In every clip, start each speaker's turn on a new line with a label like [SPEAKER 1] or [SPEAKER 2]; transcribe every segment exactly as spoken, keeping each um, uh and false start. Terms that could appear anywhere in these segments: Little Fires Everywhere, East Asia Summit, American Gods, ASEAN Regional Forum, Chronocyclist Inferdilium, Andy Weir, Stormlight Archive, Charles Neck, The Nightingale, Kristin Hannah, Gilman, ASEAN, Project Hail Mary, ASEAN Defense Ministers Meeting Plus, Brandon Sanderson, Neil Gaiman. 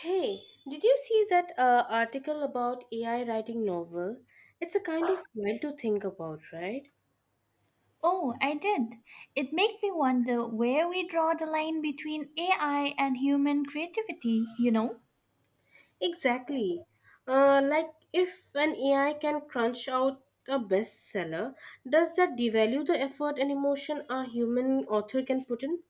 [SPEAKER 1] Hey, did you see that uh, article about A I writing novel? It's a kind of wild to think about, right?
[SPEAKER 2] Oh, I did. It made me wonder where we draw the line between A I and human creativity, you know?
[SPEAKER 1] Exactly. Uh, like if an A I can crunch out a bestseller, does that devalue the effort and emotion a human author can put in?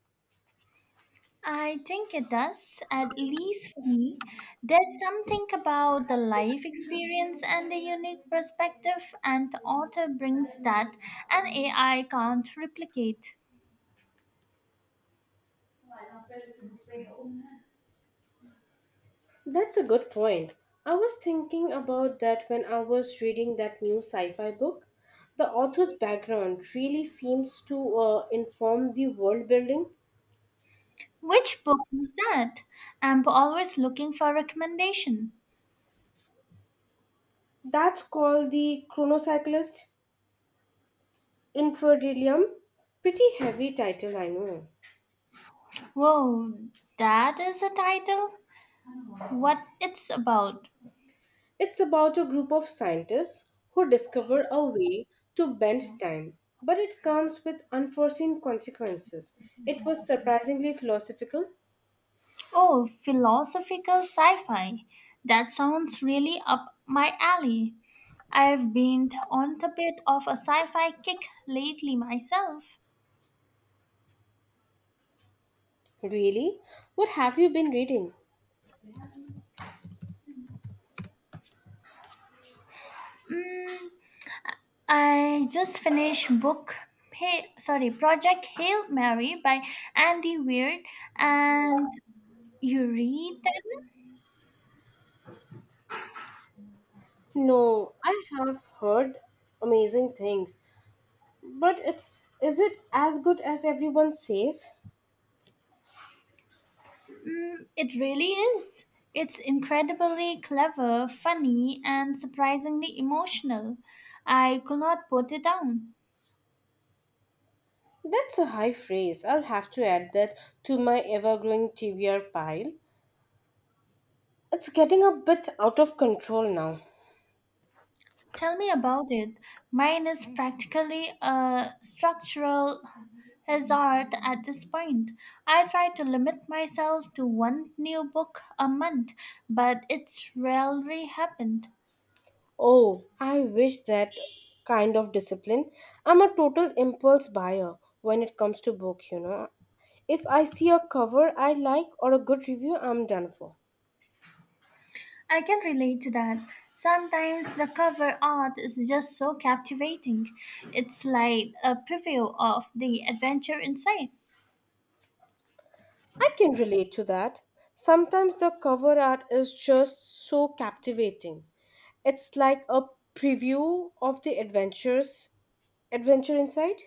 [SPEAKER 2] I think it does, at least for me. There's something about the life experience and the unique perspective, and the author brings that an A I can't replicate.
[SPEAKER 1] That's a good point. I was thinking about that when I was reading that new sci fi book. The author's background really seems to uh, inform the world building.
[SPEAKER 2] Which book was that? I'm always looking for recommendation.
[SPEAKER 1] That's called the Chronocyclist Inferdilium. Pretty heavy title, I know.
[SPEAKER 2] Whoa, that is a title? What it's about?
[SPEAKER 1] It's about a group of scientists who discover a way to bend time, but it comes with unforeseen consequences. It was surprisingly philosophical.
[SPEAKER 2] Oh, philosophical sci fi. That sounds really up my alley. I've been on the bit of a sci fi kick lately myself.
[SPEAKER 1] Really? What have you been reading?
[SPEAKER 2] Mm, I just finished book. Hey, sorry, Project Hail Mary by Andy Weir, and you read that one?
[SPEAKER 1] No, I have heard amazing things, but it's is it as good as everyone says?
[SPEAKER 2] Mm, it really is. It's incredibly clever, funny, and surprisingly emotional. I could not put it down.
[SPEAKER 1] That's a high phrase. I'll have to add that to my ever growing T B R pile. It's getting a bit out of control now.
[SPEAKER 2] Tell me about it. Mine is practically a structural hazard at this point. I try to limit myself to one new book a month, but it's rarely happened.
[SPEAKER 1] Oh, I wish that kind of discipline. I'm a total impulse buyer when it comes to book, you know. If I see a cover I like or a good review, I'm done for.
[SPEAKER 2] I can relate to that. Sometimes the cover art is just so captivating. It's like a preview of the adventure inside.
[SPEAKER 1] I can relate to that. Sometimes the cover art is just so captivating. It's like a preview of the adventures adventure inside.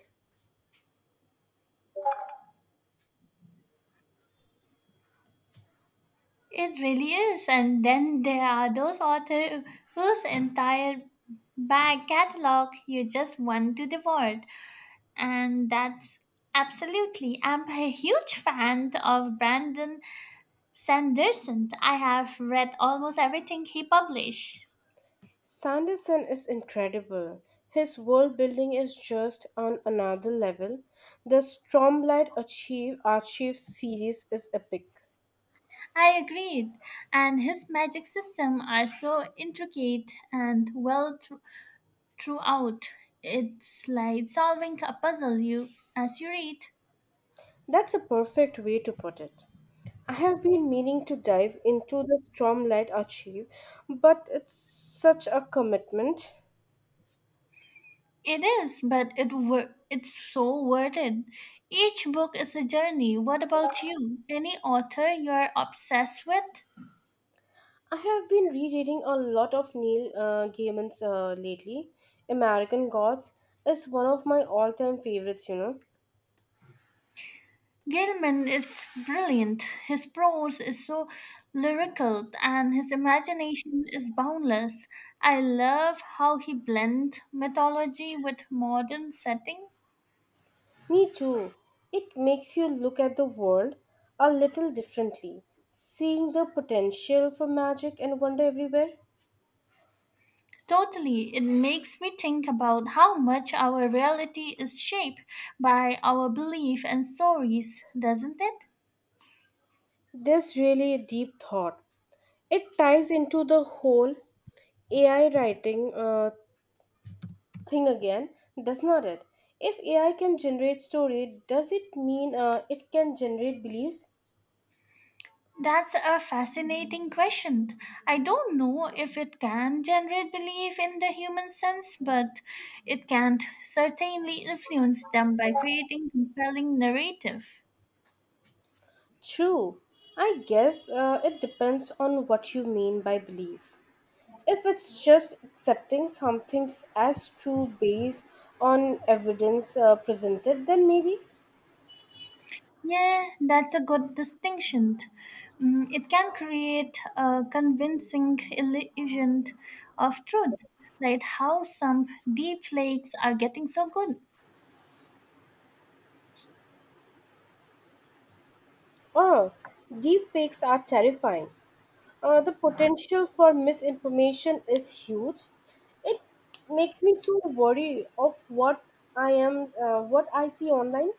[SPEAKER 2] It really is. And then there are those authors whose entire back catalog you just want to devour. And that's absolutely. I'm a huge fan of Brandon Sanderson. I have read almost everything he published.
[SPEAKER 1] Sanderson is incredible. His world building is just on another level. The Stormlight Archive, Archive series is epic.
[SPEAKER 2] I agreed. And his magic system are so intricate and well thro- throughout. It's like solving a puzzle you as you read.
[SPEAKER 1] That's a perfect way to put it. I have been meaning to dive into the Stormlight Archive, but it's such a commitment.
[SPEAKER 2] It is, but it wor- it's so worth it. Each book is a journey. What about you? Any author you're obsessed with?
[SPEAKER 1] I have been rereading a lot of Neil uh, Gaiman's uh, lately. American Gods is one of my all-time favorites, you know.
[SPEAKER 2] Gilman is brilliant. His prose is so lyrical and his imagination is boundless. I love how he blends mythology with modern setting.
[SPEAKER 1] Me too. It makes you look at the world a little differently, seeing the potential for magic and wonder everywhere.
[SPEAKER 2] Totally, it makes me think about how much our reality is shaped by our belief and stories, doesn't it?
[SPEAKER 1] This really a deep thought. It ties into the whole A I writing uh, thing again, does not it? If A I can generate story, does it mean uh, it can generate beliefs?
[SPEAKER 2] That's a fascinating question. I don't know if it can generate belief in the human sense, but it can certainly influence them by creating compelling narrative.
[SPEAKER 1] True. I guess uh, it depends on what you mean by belief. If it's just accepting something as true based on evidence uh, presented, then maybe.
[SPEAKER 2] Yeah, that's a good distinction. Mm, it can create a convincing illusion of truth, like how some deep flakes are getting so good.
[SPEAKER 1] Oh, deep fakes are terrifying. Uh, the potential for misinformation is huge. It makes me so worried of what I am, uh, what I see online.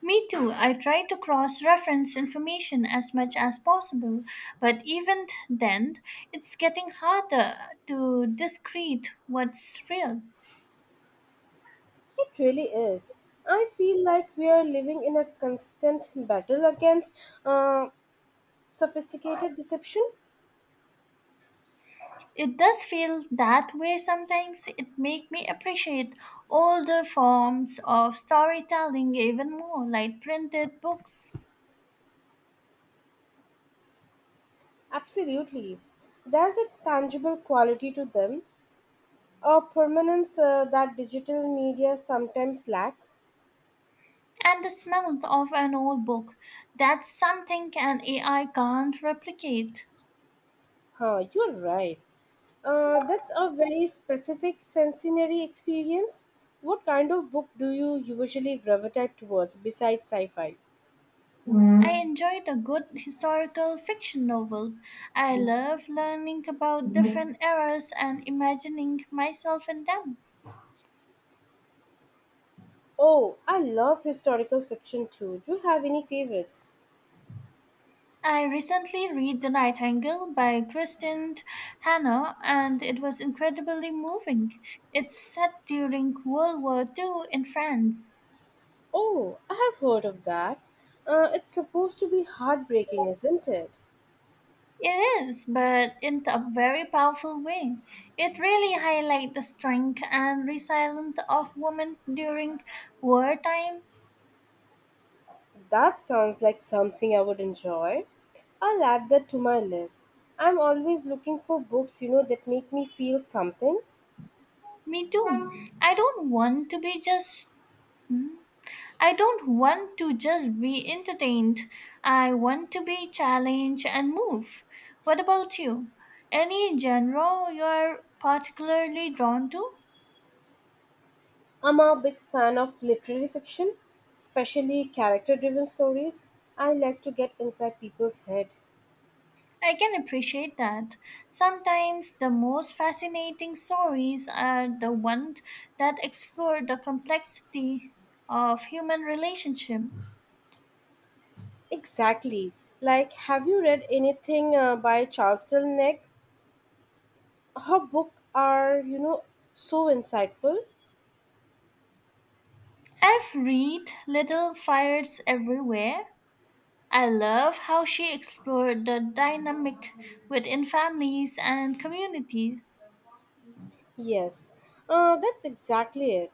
[SPEAKER 2] Me too. I try to cross reference information as much as possible, but even then, it's getting harder to discrete what's real.
[SPEAKER 1] It really is. I feel like we are living in a constant battle against uh, sophisticated deception.
[SPEAKER 2] It does feel that way sometimes. It makes me appreciate older forms of storytelling even more, like printed books
[SPEAKER 1] Absolutely. There's a tangible quality to them, a permanence uh, that digital media sometimes lack.
[SPEAKER 2] and the smell of an old book. That's something an A I can't replicate.
[SPEAKER 1] Huh, you're right. Uh, that's a very specific sensory experience. What kind of book do you usually gravitate towards besides sci fi?
[SPEAKER 2] Mm. I enjoyed a good historical fiction novel. I love learning about different eras and imagining myself in them.
[SPEAKER 1] Oh, I love historical fiction too. Do you have any favorites?
[SPEAKER 2] I recently read The Nightingale by Kristin Hanna and it was incredibly moving. It's set during World War Two in France.
[SPEAKER 1] Oh, I have heard of that. Uh, it's supposed to be heartbreaking, isn't it?
[SPEAKER 2] It is, but in a very powerful way. It really highlights the strength and resilience of women during wartime.
[SPEAKER 1] That sounds like something I would enjoy. I'll add that to my list. I'm always looking for books, you know, that make me feel something.
[SPEAKER 2] Me too. I don't want to be just I don't want to just be entertained. I want to be challenged and move. What about you? Any genre you're particularly drawn to?
[SPEAKER 1] I'm a big fan of literary fiction, especially character driven stories. I like to get inside people's head.
[SPEAKER 2] I can appreciate that. Sometimes the most fascinating stories are the ones that explore the complexity of human relationship.
[SPEAKER 1] Exactly. Like, have you read anything uh, by Charles Neck? Her book are, you know, so insightful.
[SPEAKER 2] I've read Little Fires Everywhere. I love how she explored the dynamic within families and communities.
[SPEAKER 1] Yes, uh, that's exactly it.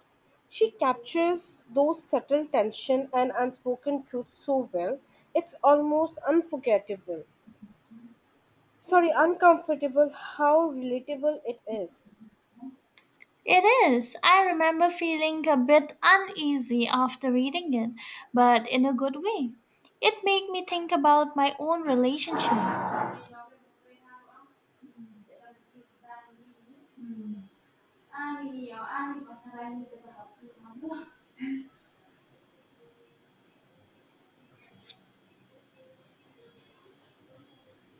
[SPEAKER 1] She captures those subtle tension and unspoken truth so well. It's almost unforgettable. Sorry, uncomfortable how relatable it is.
[SPEAKER 2] It is. I remember feeling a bit uneasy after reading it, but in a good way. It made me think about my own relationship.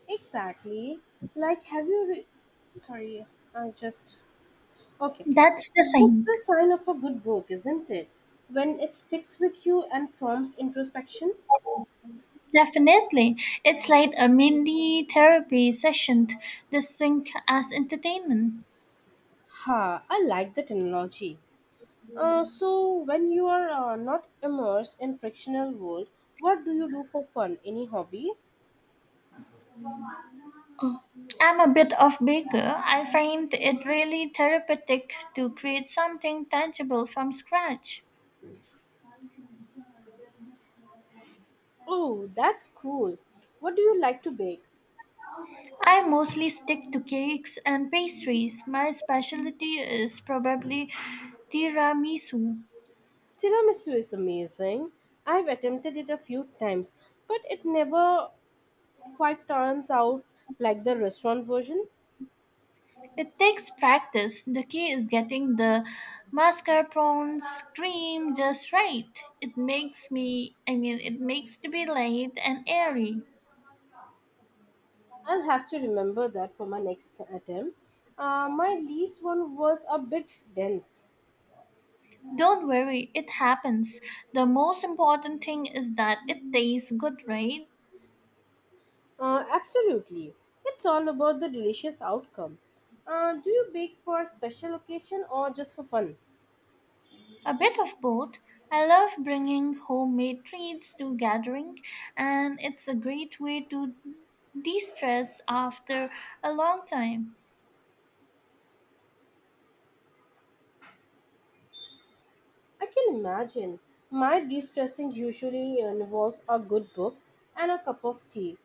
[SPEAKER 1] Exactly. Like, have you re- Sorry, I just. Okay.
[SPEAKER 2] That's the
[SPEAKER 1] That's
[SPEAKER 2] same.
[SPEAKER 1] the sign of a good book, isn't it? When it sticks with you and prompts introspection.
[SPEAKER 2] Definitely. It's like a mini therapy session, distinct as entertainment.
[SPEAKER 1] Ha, I like the terminology. Uh, so when you are uh, not immersed in frictional world, what do you do for fun? Any hobby?
[SPEAKER 2] Oh, I'm a bit of baker. I find it really therapeutic to create something tangible from scratch.
[SPEAKER 1] Oh, that's cool. What do you like to bake?
[SPEAKER 2] I mostly stick to cakes and pastries. My specialty is probably tiramisu.
[SPEAKER 1] Tiramisu is amazing. I've attempted it a few times, but it never quite turns out like the restaurant version.
[SPEAKER 2] It takes practice. The key is getting the mascarpone cream just right. It makes me, I mean, it makes to be light and airy.
[SPEAKER 1] I'll have to remember that for my next attempt. Uh, my least one was a bit dense.
[SPEAKER 2] Don't worry, it happens. The most important thing is that it tastes good, right?
[SPEAKER 1] Uh, absolutely. It's all about the delicious outcome. Uh, do you bake for a special occasion or just for fun?
[SPEAKER 2] A bit of both. I love bringing homemade treats to gathering, and it's a great way to de-stress after a long time.
[SPEAKER 1] I can imagine. My de stressing usually uh, involves a good book and a cup of tea.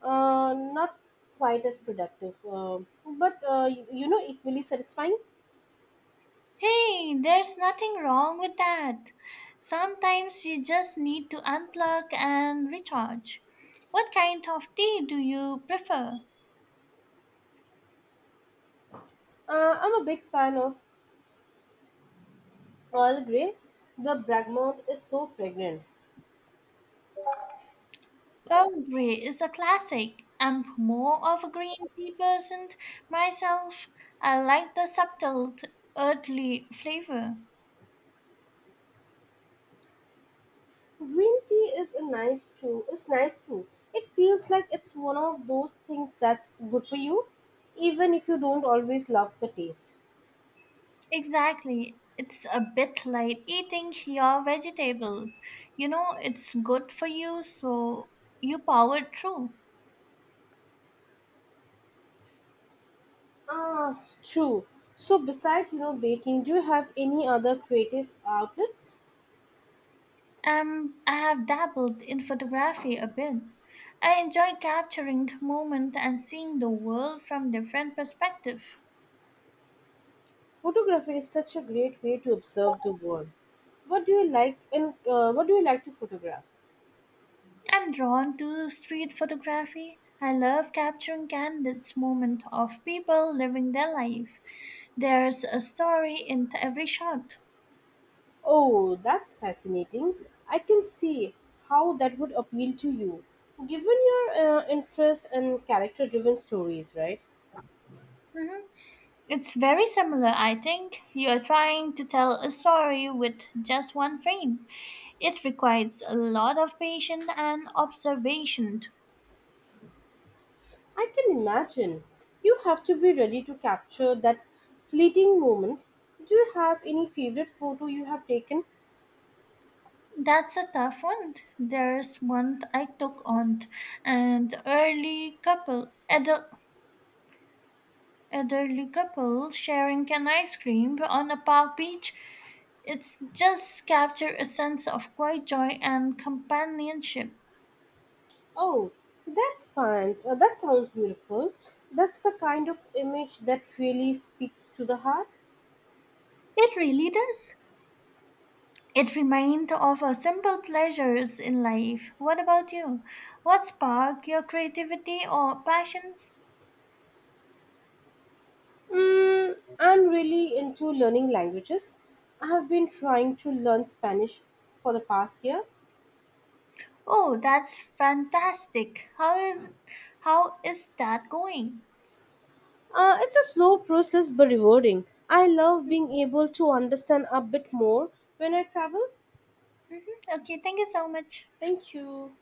[SPEAKER 1] Uh, not quite as productive, uh, but uh, you, you know, equally satisfying.
[SPEAKER 2] Hey, there's nothing wrong with that. Sometimes you just need to unplug and recharge. What kind of tea do you prefer?
[SPEAKER 1] Uh, I'm a big fan of Earl Grey. The bergamot is so fragrant.
[SPEAKER 2] Earl Grey is a classic. I'm more of a green tea person myself. I like the subtle, t- earthly flavor.
[SPEAKER 1] Green tea is a nice too. Is nice too. It feels like it's one of those things that's good for you, even if you don't always love the taste.
[SPEAKER 2] Exactly. It's a bit like eating your vegetable. You know, it's good for you, so you power through.
[SPEAKER 1] Ah, true. So besides you know baking, do you have any other creative outlets?
[SPEAKER 2] Um, I have dabbled in photography a bit. I enjoy capturing moment and seeing the world from different perspective.
[SPEAKER 1] Photography is such a great way to observe the world. What do you like in uh, What do you like to photograph?
[SPEAKER 2] I'm drawn to street photography. I love capturing candid moments of people living their life. There's a story in every shot.
[SPEAKER 1] Oh, that's fascinating. I can see how that would appeal to you. Given your uh, interest in character driven stories, right?
[SPEAKER 2] Mhm. It's very similar, I think. You're trying to tell a story with just one frame. It requires a lot of patience and observation.
[SPEAKER 1] I can imagine. You have to be ready to capture that fleeting moment. Do you have any favorite photo you have taken?
[SPEAKER 2] That's a tough one. There's one I took on an early couple adult elderly couple sharing an ice cream on a park beach. It's just capture a sense of quiet joy and companionship.
[SPEAKER 1] Oh, that finds, uh, that sounds beautiful. That's the kind of image that really speaks to the heart.
[SPEAKER 2] It really does. It reminds of our simple pleasures in life. What about you? What spark your creativity or passions?
[SPEAKER 1] Mm, I'm really into learning languages. I have been trying to learn Spanish for the past year.
[SPEAKER 2] Oh, that's fantastic. How is how is that going?
[SPEAKER 1] Uh, it's a slow process but rewarding. I love being able to understand a bit more when I travel.
[SPEAKER 2] Okay, thank you so much.
[SPEAKER 1] Thank you.